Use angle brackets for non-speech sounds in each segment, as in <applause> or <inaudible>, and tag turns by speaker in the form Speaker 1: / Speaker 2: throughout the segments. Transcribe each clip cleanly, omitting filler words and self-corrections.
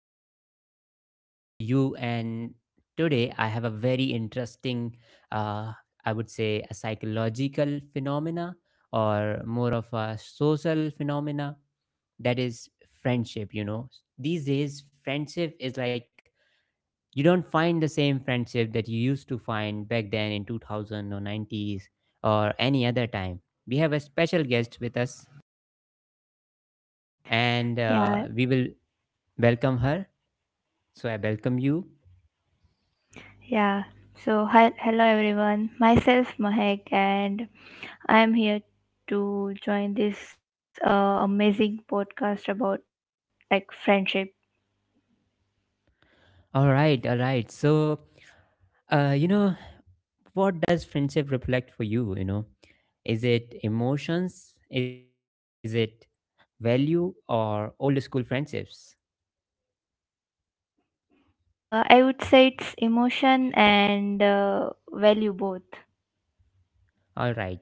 Speaker 1: new concept for you. And today, I have a very interesting, uh, I would say, a psychological phenomena or more of a social phenomena that is friendship. You know, these days, friendship is like you don't find the same friendship that you used to find back then in 2000 or 90s or any other time. We have a special guest with us and
Speaker 2: Yeah,
Speaker 1: we will welcome her. So I welcome you.
Speaker 2: yeah. So, hi, hello everyone. Myself Mahek, and I'm here to join this amazing podcast about like friendship.
Speaker 1: All right, all right. So, you know, what does friendship reflect for you? You know, is it emotions? Is it value or old school friendships?
Speaker 2: I would say it's emotion and value both.
Speaker 1: All right.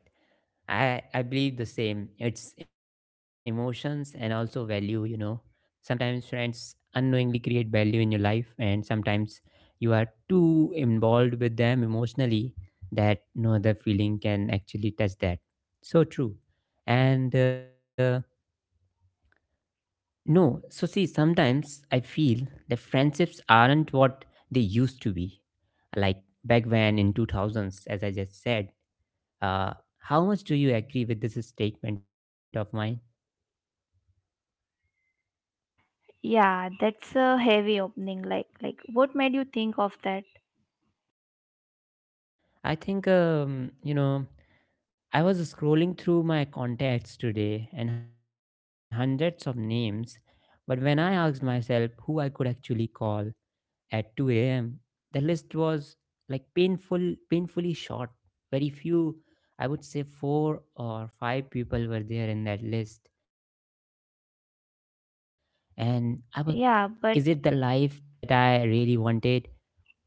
Speaker 1: I believe the same. It's emotions and also value, you know. Sometimes friends unknowingly create value in your life and sometimes you are too involved with them emotionally that no other feeling can actually touch that. So true. And no, so see sometimes I feel the friendships aren't what they used to be. Like back when in 2000s as I just said, uh how much do you agree with this statement of mine?
Speaker 2: Yeah, that's a heavy opening. Like, what made you think of that?
Speaker 1: I think, you know, I was scrolling through my contacts today and hundreds of names, but when I asked myself who I could actually call at 2 a.m., the list was like painful, painfully short. Very few, I would say four or five people were there in that list. And I was thinking,
Speaker 2: Yeah, but
Speaker 1: is it the life that I really wanted?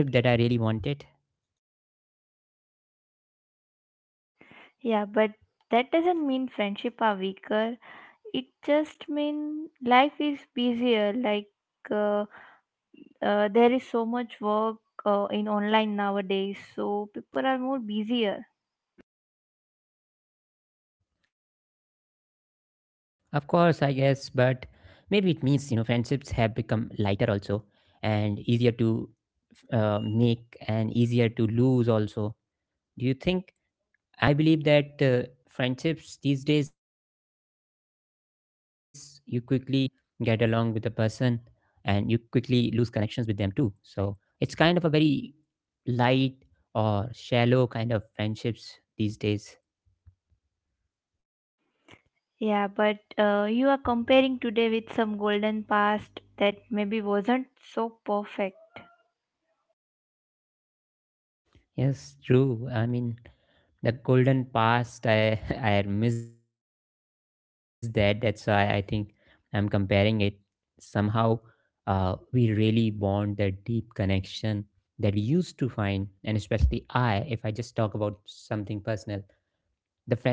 Speaker 1: Is this the friendship that I really wanted?
Speaker 2: yeah, but that doesn't mean friendship are weaker. It just mean life is busier. Like. Uh, there is so much work in online nowadays so people are more busier.
Speaker 1: Of course, I guess, but maybe it means, you know, friendships have become lighter also and easier to make and easier to lose also. Do you think? I believe that friendships these days, you quickly get along with a person and you quickly lose connections with them too. So it's kind of a very light or shallow kind of friendships these days.
Speaker 2: Yeah, but you are comparing today with some golden past that maybe wasn't so perfect.
Speaker 1: Yes, true. I mean, the golden past, I <laughs> I miss that. That's why I think I'm comparing it. Somehow, we really bond that deep connection that we used to find, and especially I, if I just talk about something personal,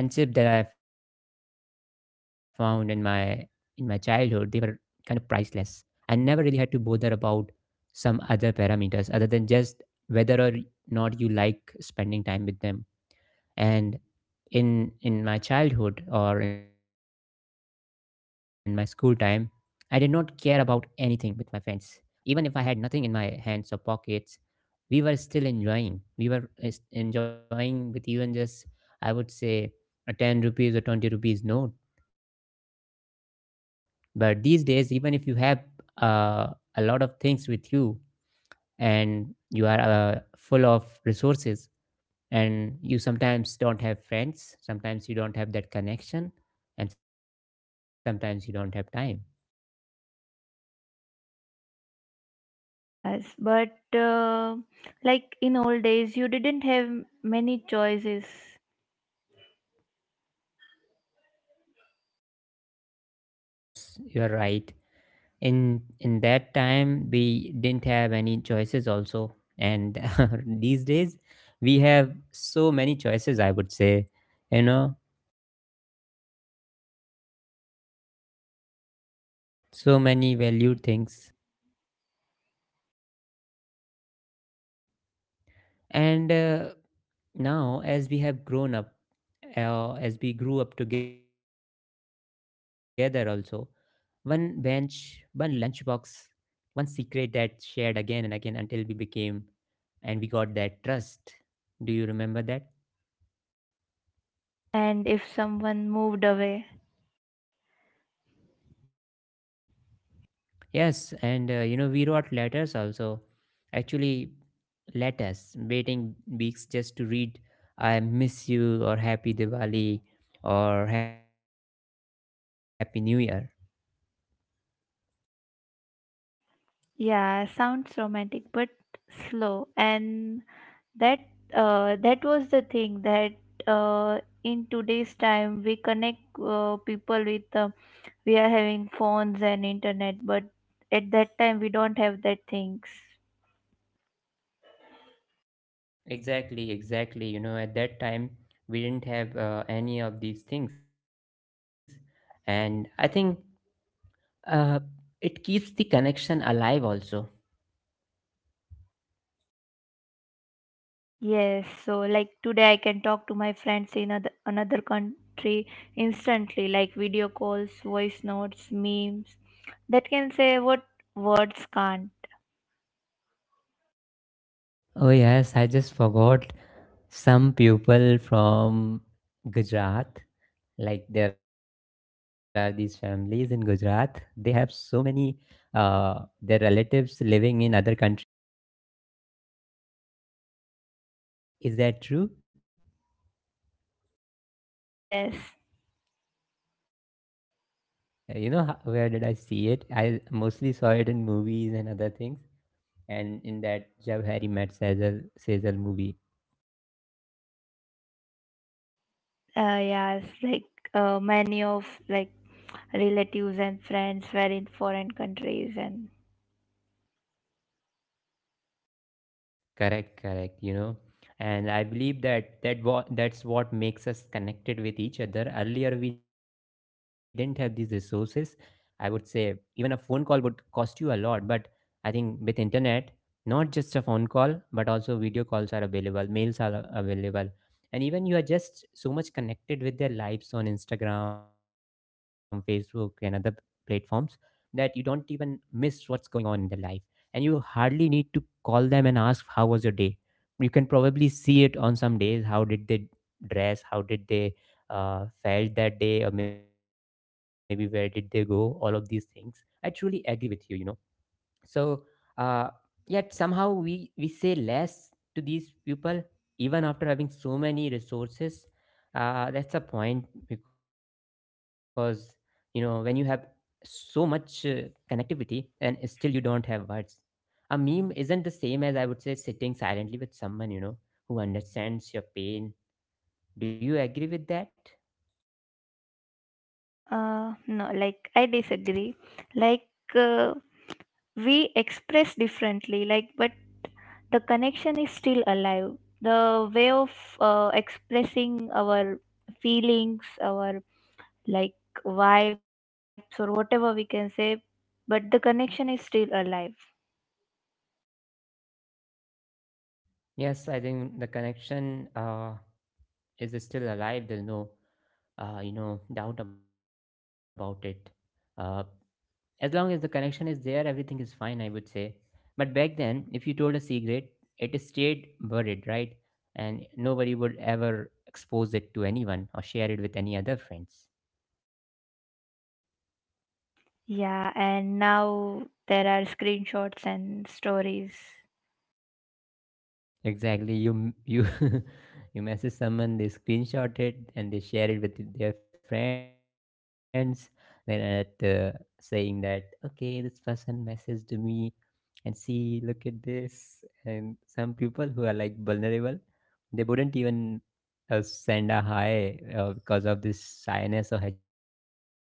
Speaker 1: the friendship that I found in my childhood, they were kind of priceless. I never really had to bother about some other parameters other than just whether or not you like spending time with them. And in my childhood or in my school time, I did not care about anything with my friends. Even if I had nothing in my hands or pockets, we were still enjoying. We were enjoying with even just, I would say, a 10 rupees or 20 rupees note. But these days, even if you have uh, a lot of things with you and you are full of resources, and you sometimes don't have friends, sometimes you don't have that connection, and sometimes you don't have time.
Speaker 2: Yes, but like in old days, you didn't have many choices.
Speaker 1: Of course, you're right. In that time we didn't have any choices also, and <laughs> these days we have so many choices, I would say, you know,
Speaker 2: Yes,
Speaker 1: so many
Speaker 2: right.
Speaker 1: valued things. And now as we have grown up, as we grew up together also, one bench, one lunchbox, one secret that shared again and again until we became and we got that trust. Do you remember that?
Speaker 2: And if someone moved away,
Speaker 1: Yes, and you know, we wrote letters also. Actually, letters, waiting weeks just to read, I miss you, or Happy Diwali, or Happy New Year.
Speaker 2: yeah, sounds romantic, but slow. And that, that was the thing that, uh, in today's time we connect people with, we are having phones and internet, but at that time we don't have that things.
Speaker 1: Exactly, exactly. You know, at that time, we didn't have any of these things. And I think uh, it keeps the connection alive also.
Speaker 2: Yes, so like today I can talk to my friends in other, another country instantly, like video calls, voice notes, memes that can say what words can't.
Speaker 1: Oh, yes, I just forgot. Some people from Gujarat, like there are these families in Gujarat, they have so many their relatives living in other countries. Is that true?
Speaker 2: Yes.
Speaker 1: Okay, you know, where did I see it? I mostly saw it in movies and other things, and in that Jab Harry Met Sejal movie.
Speaker 2: Yes, like many of like relatives and friends were in foreign countries, and
Speaker 1: Correct, correct, you know. And I believe that that what that's what makes us connected with each other. Earlier we didn't have these resources. I would say even a phone call would cost you a lot, but I think with internet, not just a phone call, but also video calls are available, mails are available. And even you are just so much connected with their lives on Instagram, Facebook, and other platforms that you don't even miss what's going on in their life, and you hardly need to call them and ask how was your day. You can probably see it on some days how did they dress, how did they felt that day, or maybe where did they go, all of these things. I truly agree with you, you know. So, uh, yet somehow we say less to these people even after having so many resources. That's a point, because you know when you have so much connectivity and still you don't have words, a meme isn't the same as, I would say, sitting silently with someone, you know, who understands your pain. Do you agree with that?
Speaker 2: no, like I disagree. Like uh, we express differently, like, but the connection is still alive. The way of expressing our feelings, our like vibes or whatever we can say, but the connection is still alive.
Speaker 1: Yes, I think the connection is still alive. There's no you know, doubt about it. uh, as long as the connection is there, everything is fine, I would say. But back then, if you told a secret, it stayed buried, right? And nobody would ever expose it to anyone or share it with any other friends.
Speaker 2: Yeah, and now there are screenshots and stories.
Speaker 1: Exactly. You <laughs> you message someone, they screenshot it and they share it with their friends. Then at saying that, okay, this person messaged me, and see, look at this. And some people who are like vulnerable, they wouldn't even send a hi, because of this shyness or hesitation, I would say.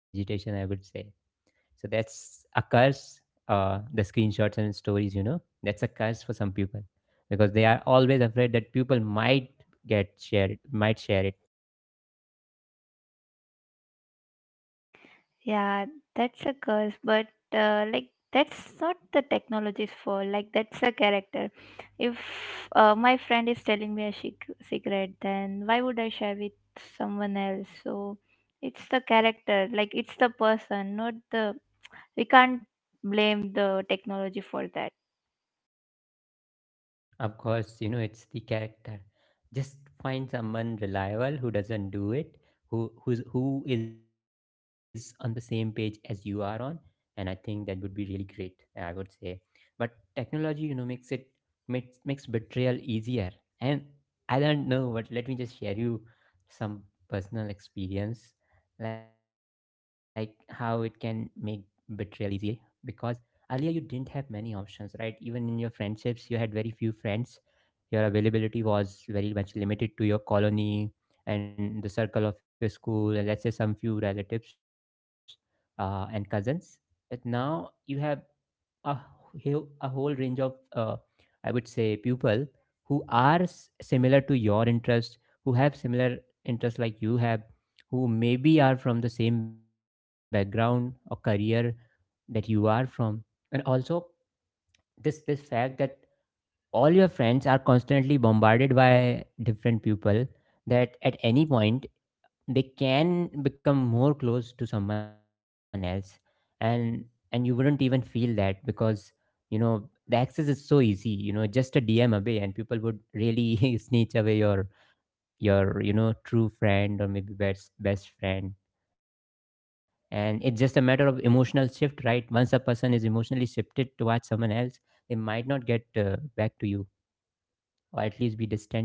Speaker 1: So that's a curse. The screenshots and stories, you know, that's a curse for some people because they are always afraid that people might get shared, might share it.
Speaker 2: Yeah, that's a curse, but like that's not the technology's fault. Like that's a character. If my friend is telling me a secret, then why would I share with someone else? So it's the character, like it's the person, not the. We can't blame the technology for that.
Speaker 1: Of course, you know, it's the character. Just find someone reliable who doesn't do it, who is on the same page as you are on, and I think that would be really great, I would say. But technology, you know, makes betrayal easier. And I don't know, but let me just share you some personal experience, like how it can make betrayal easy, because earlier you didn't have many options, right? Even in your friendships, you had very few friends. Your availability was very much limited to your colony and the circle of your school and, let's say, some few relatives and cousins. But now you have a a whole range of, I would say, people who are similar to your interest, who have similar interests like you have, who maybe are from the same background or career that you are from. And also, this fact that all your friends are constantly bombarded by different people, that at any point they can become more close to someone else, and you wouldn't even feel that, because you know the access is so easy, you know, just a DM away, and people would really <laughs> snitch away your you know, true friend or maybe best friend. And it's just a matter of emotional shift, right? Once a person is emotionally shifted towards someone else, they might not get back to you, or at least be distant.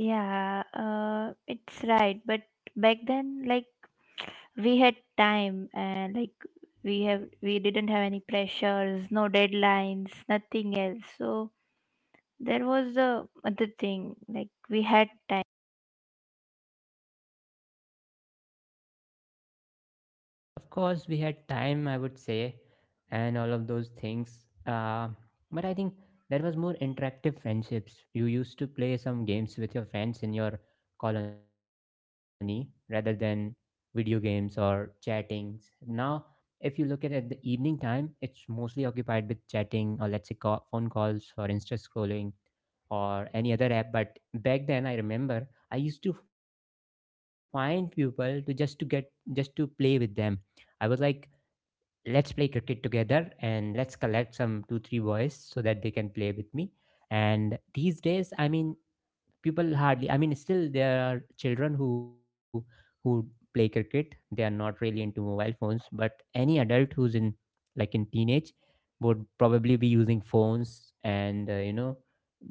Speaker 2: Yeah, it's right. But back then, like we had time and like we have we didn't have any pressures, no deadlines, nothing else. So there was the other thing, like we had time.
Speaker 1: Of course, we had time, I would say, and all of those things. But I think there was more interactive friendships. You used to play some games with your friends in your colony rather than video games or chattings. Now, if you look at it at the evening time, it's mostly occupied with chatting or, let's say, call, phone calls or Insta scrolling or any other app. But back then, I remember I used to find people to just to play with them. I was like, let's play cricket together, and let's collect some 2-3 boys so that they can play with me. And these days, I mean, people hardly, I mean, still there are children who who play cricket, they are not really into mobile phones, but any adult who's in, like, in teenage would probably be using phones. And you know,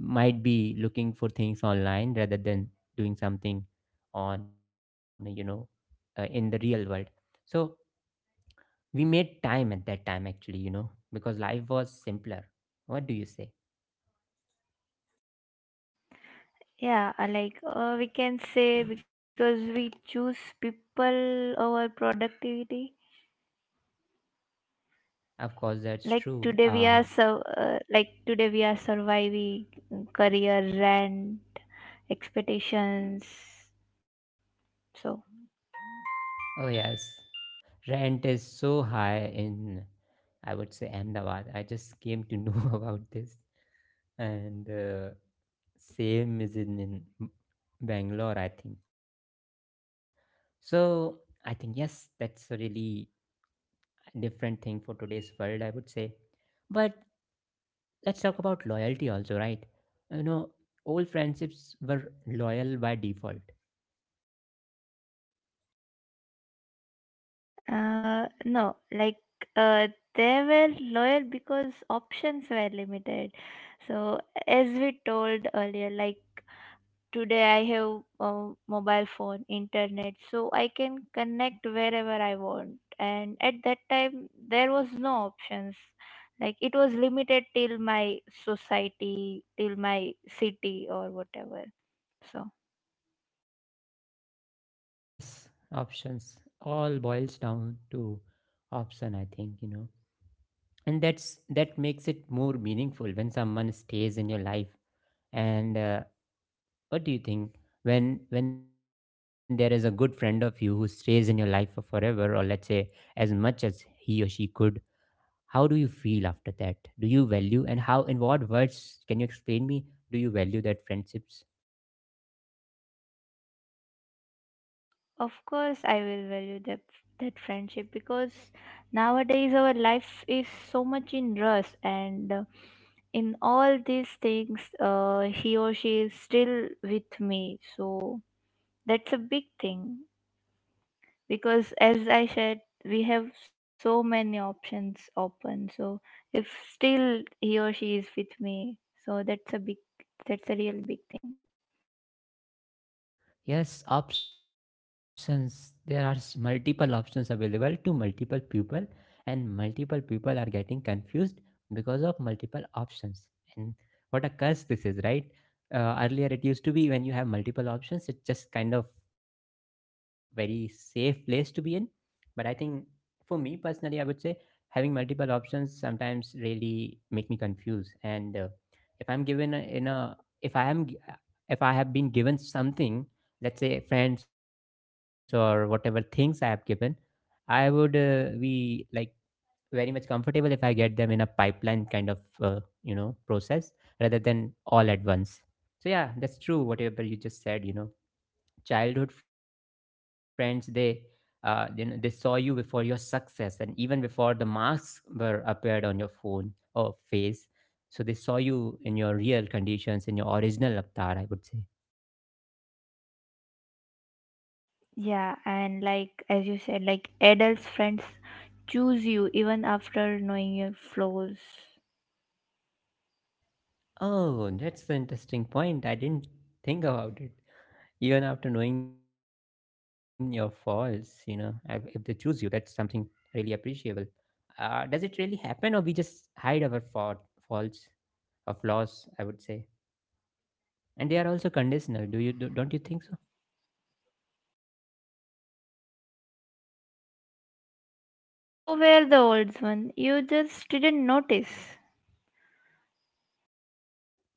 Speaker 1: might be looking for things online rather than doing something on, you know, in the real world. So we made time at that time, actually, you know, because life was simpler. What do you say?
Speaker 2: Yeah, like we can say because we choose people over productivity.
Speaker 1: Of course,
Speaker 2: Like
Speaker 1: that's
Speaker 2: today
Speaker 1: true,
Speaker 2: we are
Speaker 1: ah.
Speaker 2: so like today we are surviving career, rent, expectations, so.
Speaker 1: Oh yes, rent is so high in, I would say, Ahmedabad. I just came to know <laughs> about this, and same is in, Bangalore, I think. So I think yes, that's a really different thing for today's world, I would say. But let's talk about loyalty also, right? You know, old friendships were loyal by default.
Speaker 2: No, like uh, they were loyal because options were limited. So, as we told earlier, like today I have a mobile phone, internet, so I can connect wherever I want. And at that time, there was no options. Like it was limited till my society, till my city, or whatever. So.
Speaker 1: Oh yes, options. All boils down to option, I think. And that makes it more meaningful when someone stays in your life, and what do you think, when there is a good friend of you who stays in your life for forever, or let's say, as much as he or she could? How do you feel after that? Do you value? And how, in what words, can you explain me, do you value that friendships?
Speaker 2: Of course, I will value that friendship because nowadays our life is so much in rush, and in all these things, he or she is still with me. So that's a big thing because, as I said, we have so many options open. So if still he or she is with me, so that's a big, that's a real big thing.
Speaker 1: Yes, options. There are multiple options available to multiple people, and multiple people are getting confused because of multiple options. And what a curse this is, right? Earlier, it used to be when you have multiple options, it's just kind of very safe place to be in. But I think, for me personally, I would say having multiple options sometimes really make me confused. And if I'm given a, in a if I am gi- if I have been given something, let's say friends or whatever things I have given, I would be like very much comfortable if I get them in a pipeline kind of process rather than all at once. So yeah, that's true, whatever you just said. Childhood friends, they saw you before your success and even before the marks were appeared on your phone or face. So they saw you in your real conditions, in your original avatar, I would say.
Speaker 2: Yeah, and like as you said, like adults friends choose you even after knowing your flaws.
Speaker 1: Oh, that's the interesting point. I didn't think about it. Even after knowing your faults, you know, if they choose you, that's something really appreciable. Does it really happen, or we just hide our faults or flaws, I would say? And they are also conditional. Don't you think so?
Speaker 2: So were the old one. You just didn't notice.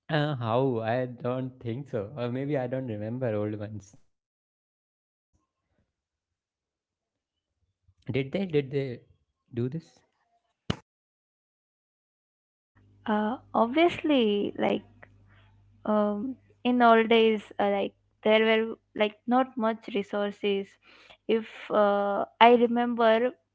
Speaker 1: How, I don't think so, or maybe I don't remember old ones. Did they? Did they do this?
Speaker 2: Obviously, like um, in old days, like there were like not much resources. If I remember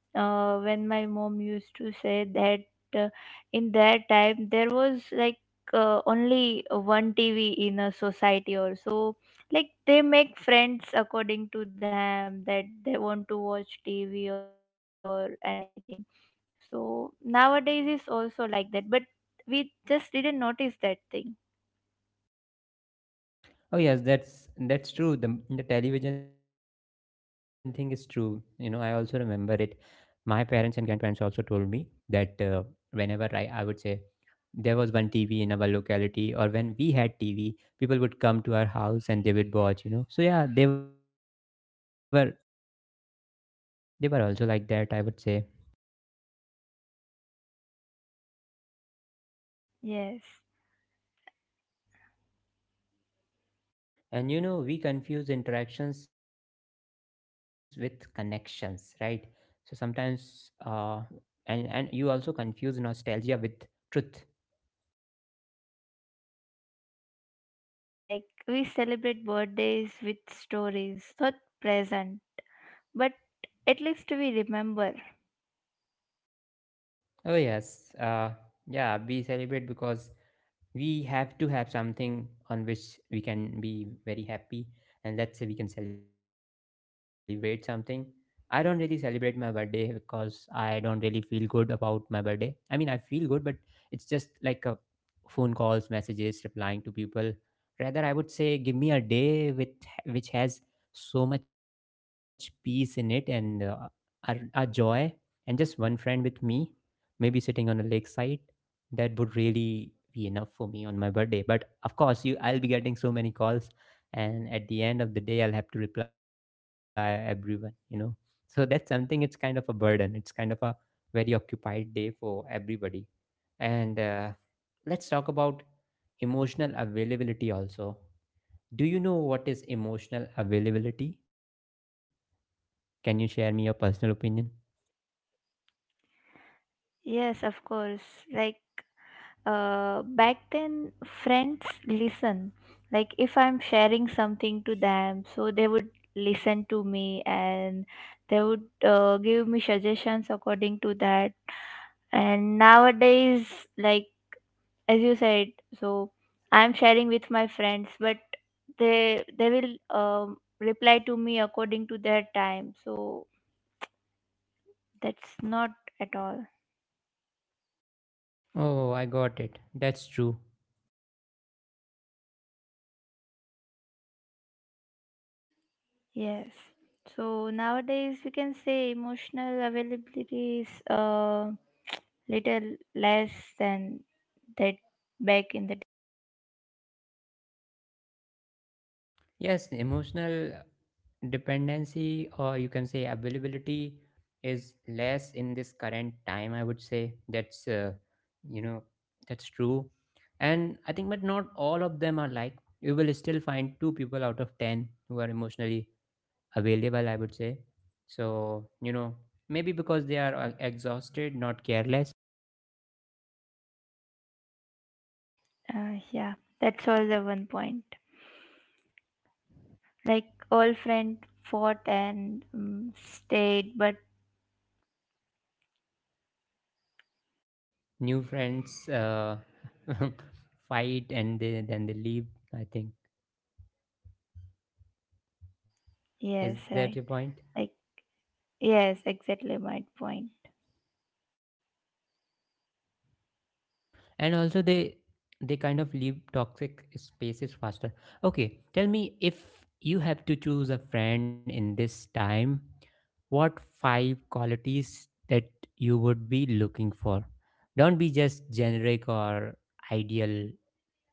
Speaker 2: when my mom used to say that in that time there was like only one TV in a society or so, like they make friends according to them that they want to watch TV or anything. So nowadays is also like that, but we just didn't notice that thing.
Speaker 1: Oh yes, that's true. The television thing is true. You know, I also remember it. My parents and grandparents also told me that whenever I would say, there was one TV in our locality, or when we had TV, people would come to our house and they would watch. So yeah, they were also like that, I would say.
Speaker 2: Yes.
Speaker 1: And you know, we confuse interactions with connections, right? So sometimes, and you also confuse nostalgia with truth.
Speaker 2: Yeah, like we celebrate birthdays with stories, not present, but at least we remember.
Speaker 1: Oh yes, yeah, we celebrate because we have to have something on which we can be very happy, and let's say, we can celebrate something. I don't really celebrate my birthday because I don't really feel good about my birthday. I mean, I feel good, but it's just like a phone calls, messages, replying to people. Rather, I would say, give me a day with which has so much peace in it, and a joy, and just one friend with me, maybe sitting on a lakeside. That would really be enough for me on my birthday. But of course, I'll be getting so many calls, and at the end of the day, I'll have to reply everyone. So that's something. It's kind of a burden. It's kind of a very occupied day for everybody. And uh, Let's talk about emotional availability also. Do you know what is emotional availability? Can you share me your personal opinion?
Speaker 2: Yes, of course. Like back then, friends listen. Like if I'm sharing something to them, so they would listen to me and they would give me suggestions according to that. And nowadays, like as you said, so I'm sharing with my friends, but they will reply to me according to their time, so that's not at all.
Speaker 1: Oh, I got it. That's true.
Speaker 2: Yes, so nowadays we can say emotional availability is uh, little less than that back in the day.
Speaker 1: Yes, emotional dependency, or you can say availability, is less in this current time. I would say you know, that's true. And I think, but not all of them are like. You will still find two people out of ten who are emotionally available, I would say. So, maybe because they are exhausted, not careless.
Speaker 2: Uh, yeah, that's all the one point. Like all friend fought and stayed, but
Speaker 1: New friends <laughs> fight and then they leave, I think. Is that
Speaker 2: yes,
Speaker 1: your
Speaker 2: right,
Speaker 1: point?
Speaker 2: like yes, exactly my point.
Speaker 1: And also, they kind of leave toxic spaces faster. Okay, tell me, if you have to choose a friend in this time, what five qualities that you would be looking for? Don't be just generic or ideal.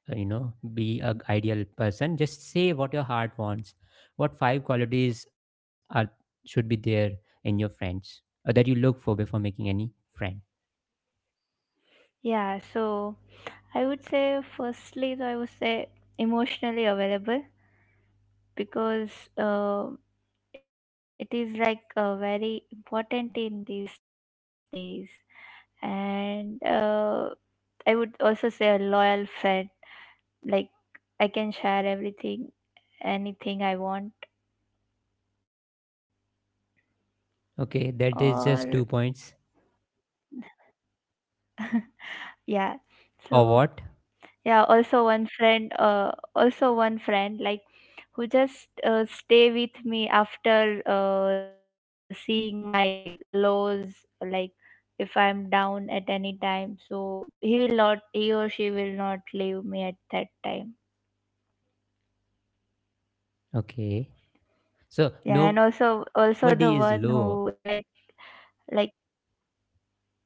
Speaker 1: Be a ideal person. Just say what your heart wants. What five qualities are should be there in your friends, or that you look for before making any friend?
Speaker 2: Yeah, so I would say, firstly, so I would say emotionally available, because uh, it is like very important in these days. And I would also say a loyal friend, like I can share everything, anything I want,
Speaker 1: Okay, that is just two
Speaker 2: or
Speaker 1: points,
Speaker 2: yeah.
Speaker 1: or
Speaker 2: So
Speaker 1: what?
Speaker 2: yeah, also one friend, like who just stay with me after seeing my lows. Like if I'm down at any time, so he will not, he or she will not leave me at that time.
Speaker 1: Okay, so
Speaker 2: Yeah, and
Speaker 1: nobody is
Speaker 2: also,
Speaker 1: low?
Speaker 2: also the one who like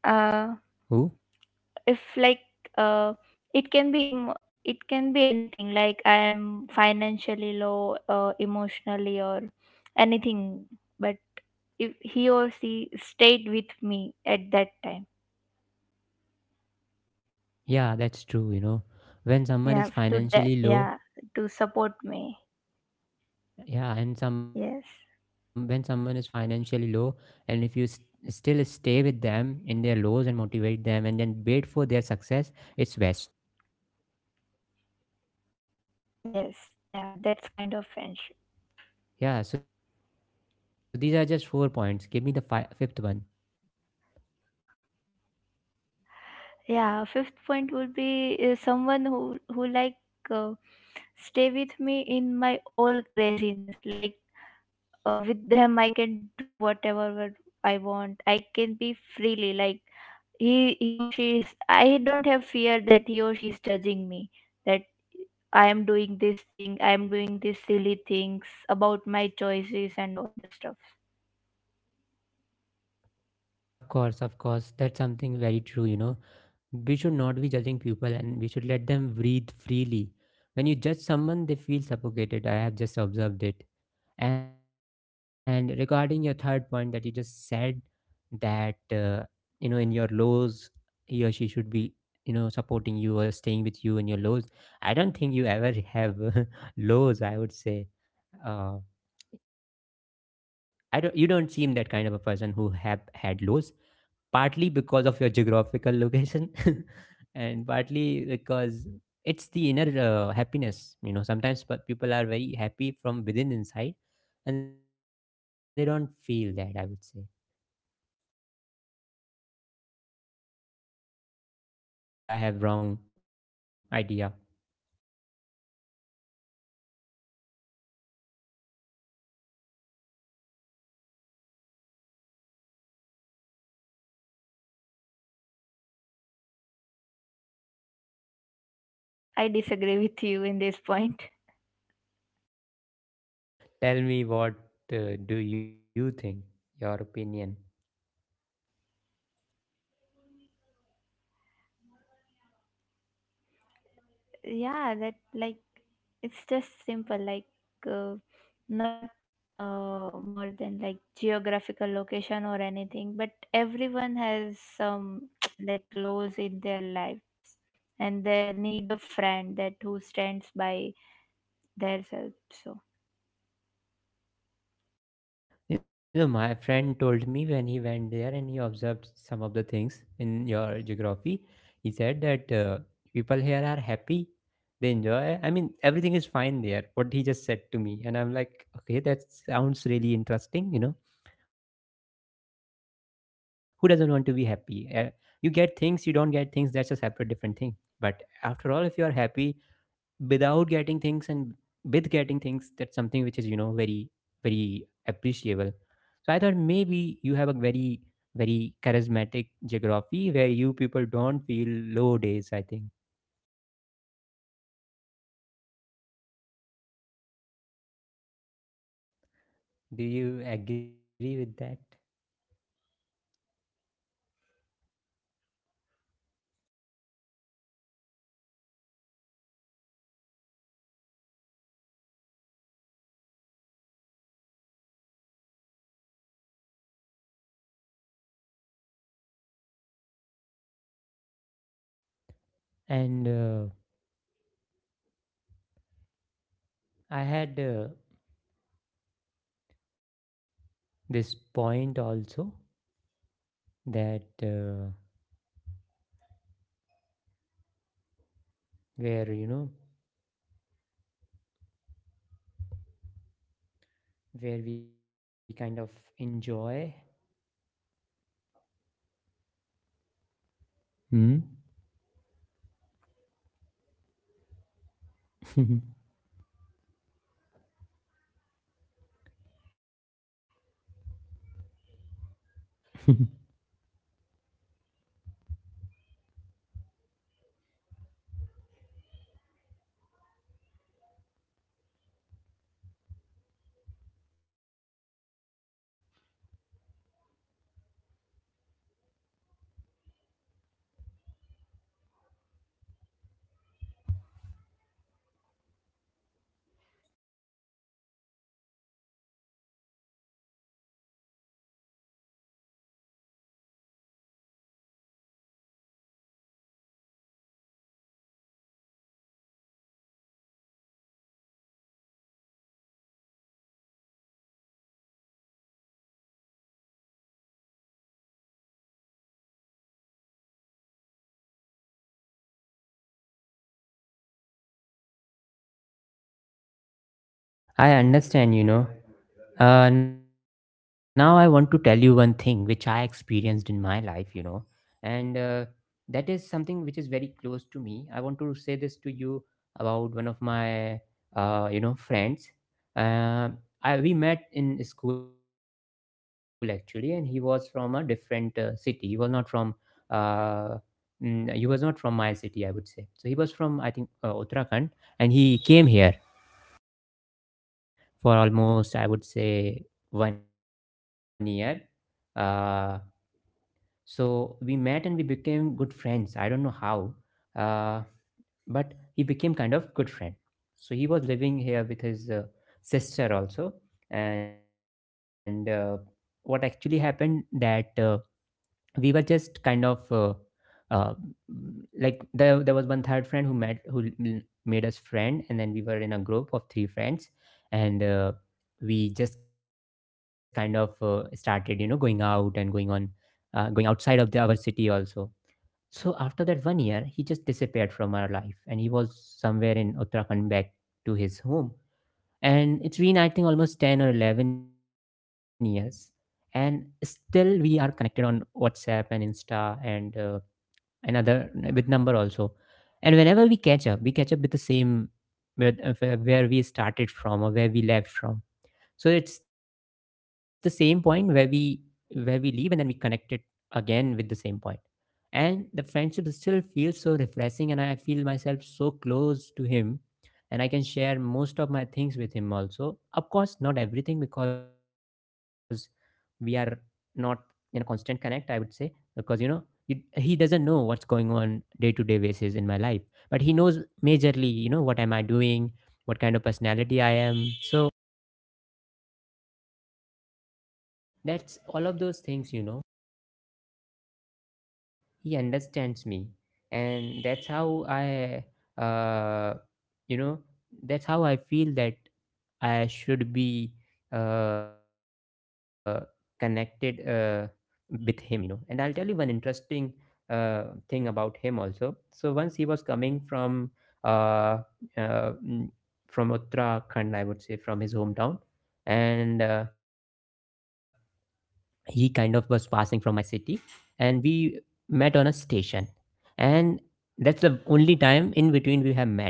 Speaker 2: uh
Speaker 1: Who?
Speaker 2: if like uh it can be it can be anything, like I am financially low, emotionally or anything, but if he or she stayed with me at that time,
Speaker 1: Yeah, that's true you know
Speaker 2: yeah,
Speaker 1: when someone is
Speaker 2: yeah,
Speaker 1: financially low.
Speaker 2: to support me.
Speaker 1: Yeah,
Speaker 2: Yes.
Speaker 1: and some when someone is financially low, and if you s still stay with them in their lows and motivate them and then wait for their success, it's best.
Speaker 2: Yes, yeah, that's kind of friendship.
Speaker 1: Yeah, so these are just four points. Give me the fifth one.
Speaker 2: Yeah, fifth point would be someone who like uh, stay with me in my all craziness. Like with them I can do whatever what I want, I can be freely, like he or she is, I don't have fear that he or she is judging me, that I am doing this thing, I am doing these silly things about my choices and all the stuff.
Speaker 1: Of course, of course. That's something very true. We should not be judging people, and we should let them breathe freely. When you judge someone, they feel suffocated. I have just observed it. And regarding your third point that you just said, that, in your lows, he or she should be supporting you or staying with you in your lows. I don't think you ever have <laughs> lows, I would say. Uh, I don't, you don't seem that kind of a person who have had lows, partly because of your geographical location, <laughs> and partly because it's the inner happiness. Sometimes people are very happy from within inside, and they don't feel that, I would say. Is that true, or
Speaker 2: Yeah, but
Speaker 1: maybe I have wrong
Speaker 2: uh,
Speaker 1: idea?
Speaker 2: <laughs> yeah, yeah, that's a very like wrong. I see this, like there, there are laws in like everyone's life, so that's I disagree with you in this point.
Speaker 1: Tell me what do you think? Your opinion.
Speaker 2: Yeah, that, like it's just simple, like uh, not more than like geographical location or anything, but everyone has some <tsk> like lows in their lives, and they need a friend that who stands by their self. So
Speaker 1: My friend told me when he went there and he observed some of the things in your geography. He said that people here are happy, they enjoy. I mean, everything is fine there. What he just said to me, and I'm like, okay, that sounds really interesting. Who doesn't want to be happy? You get things, you don't get things. That's a separate, different thing. But after all, if you are happy, without getting things and with getting things, that's something which is very very appreciable. So I thought maybe you have a very very charismatic geography, where you people don't feel low days, I think.
Speaker 2: yeah, that's true. Like if we
Speaker 1: Do
Speaker 2: talk
Speaker 1: you
Speaker 2: about that,
Speaker 1: agree with that?
Speaker 2: then <tsk> like yeah, that's a true point <laughs>
Speaker 1: And I had this point also, that where you know where we kind of enjoy. Hmm. <laughs> I understand. Now I want to tell you one thing which I experienced in my life, and that is something which is very close to me. I want to say this to you about one of my friends. Uh, I we met in school actually, and he was from a different city. Uh, he was not from my city, I would say. So he was from, I think, Uttarakhand, and he came here for almost, I would say, one year. Uh, so we met and we became good friends. I don't know how, uh, but he became kind of good friend. So he was living here with his sister also, and what actually happened that. We were just kind of uh, like there was one third friend who made us friend, and then we were in a group of three friends. And we just kind of started going out and going on, going outside of our city also. So after that one year, he just disappeared from our life, and he was somewhere in Uttarakhand, back to his home. And it's been, I think, almost 10 or 11 years, and still we are connected on WhatsApp and Insta, and another with number also. And whenever we catch up, we catch up with the same with, where we started from, or where we left from. So it's the same point where we leave, and then we connect it again with the same point. And the friendship still feels so refreshing, and I feel myself so close to him. And I can share most of my things with him also. Of course, not everything, because we are not in a constant connect, I would say, because he doesn't know what's going on day to day basis in my life, but he knows majorly, what am I doing, what kind of personality I am. So that's all of those things. He understands me, and that's how I uh, you know that's how I feel that I should be uh, connected with him. And I'll tell you one interesting uh, thing about him also. So once he was coming uh, uh, mm, from Uttarakhand, I would say, from his hometown, and he kind of was passing from my city, and we met on a station. And that's the only time in between we have met.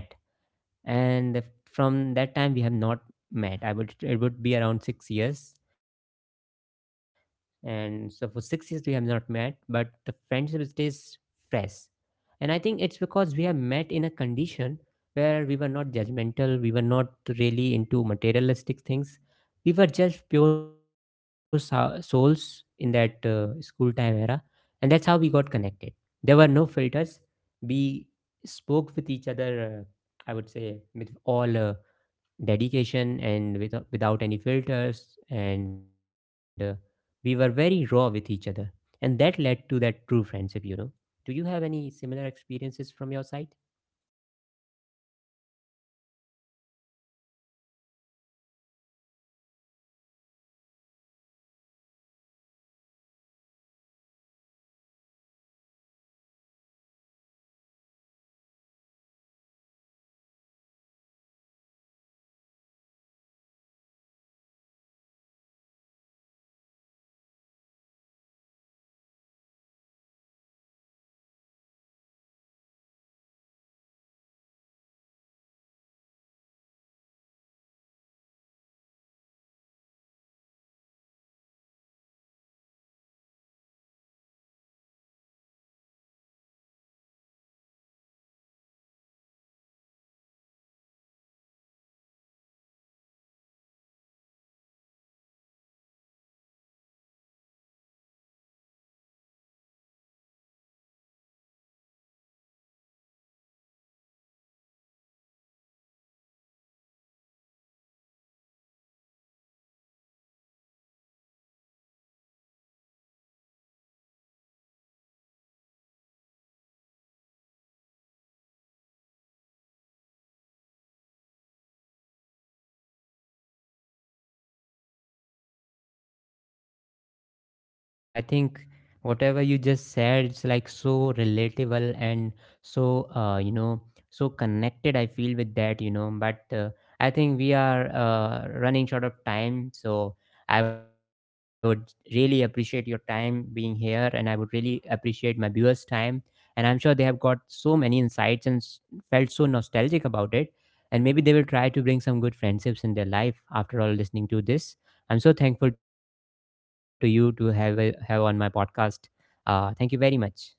Speaker 1: And from that time we have not met, I would it would be around 6 years. And so for 6 years we have not met, but the friendship stays fresh. And I think it's because we have met in a condition where we were not judgmental, we were not really into materialistic things. We were just pure souls in that school time era. And that's how we got connected. There were no filters. We spoke with each other, I would say, with all dedication, and without any filters. And we were very raw with each other, and that led to that true friendship. Do you have any similar experiences from your side? Yes, so I think whatever you just said, it's like so relatable and so, uh, you know, so connected I feel with that, but I think we are running short of time. So I would really appreciate your time being here, and I would really appreciate my viewers' time. And I'm sure they have got so many insights, and felt so nostalgic about it. And maybe they will try to bring some good friendships in their life after all listening to this. I'm so thankful to you to have on my podcast. Thank you very much.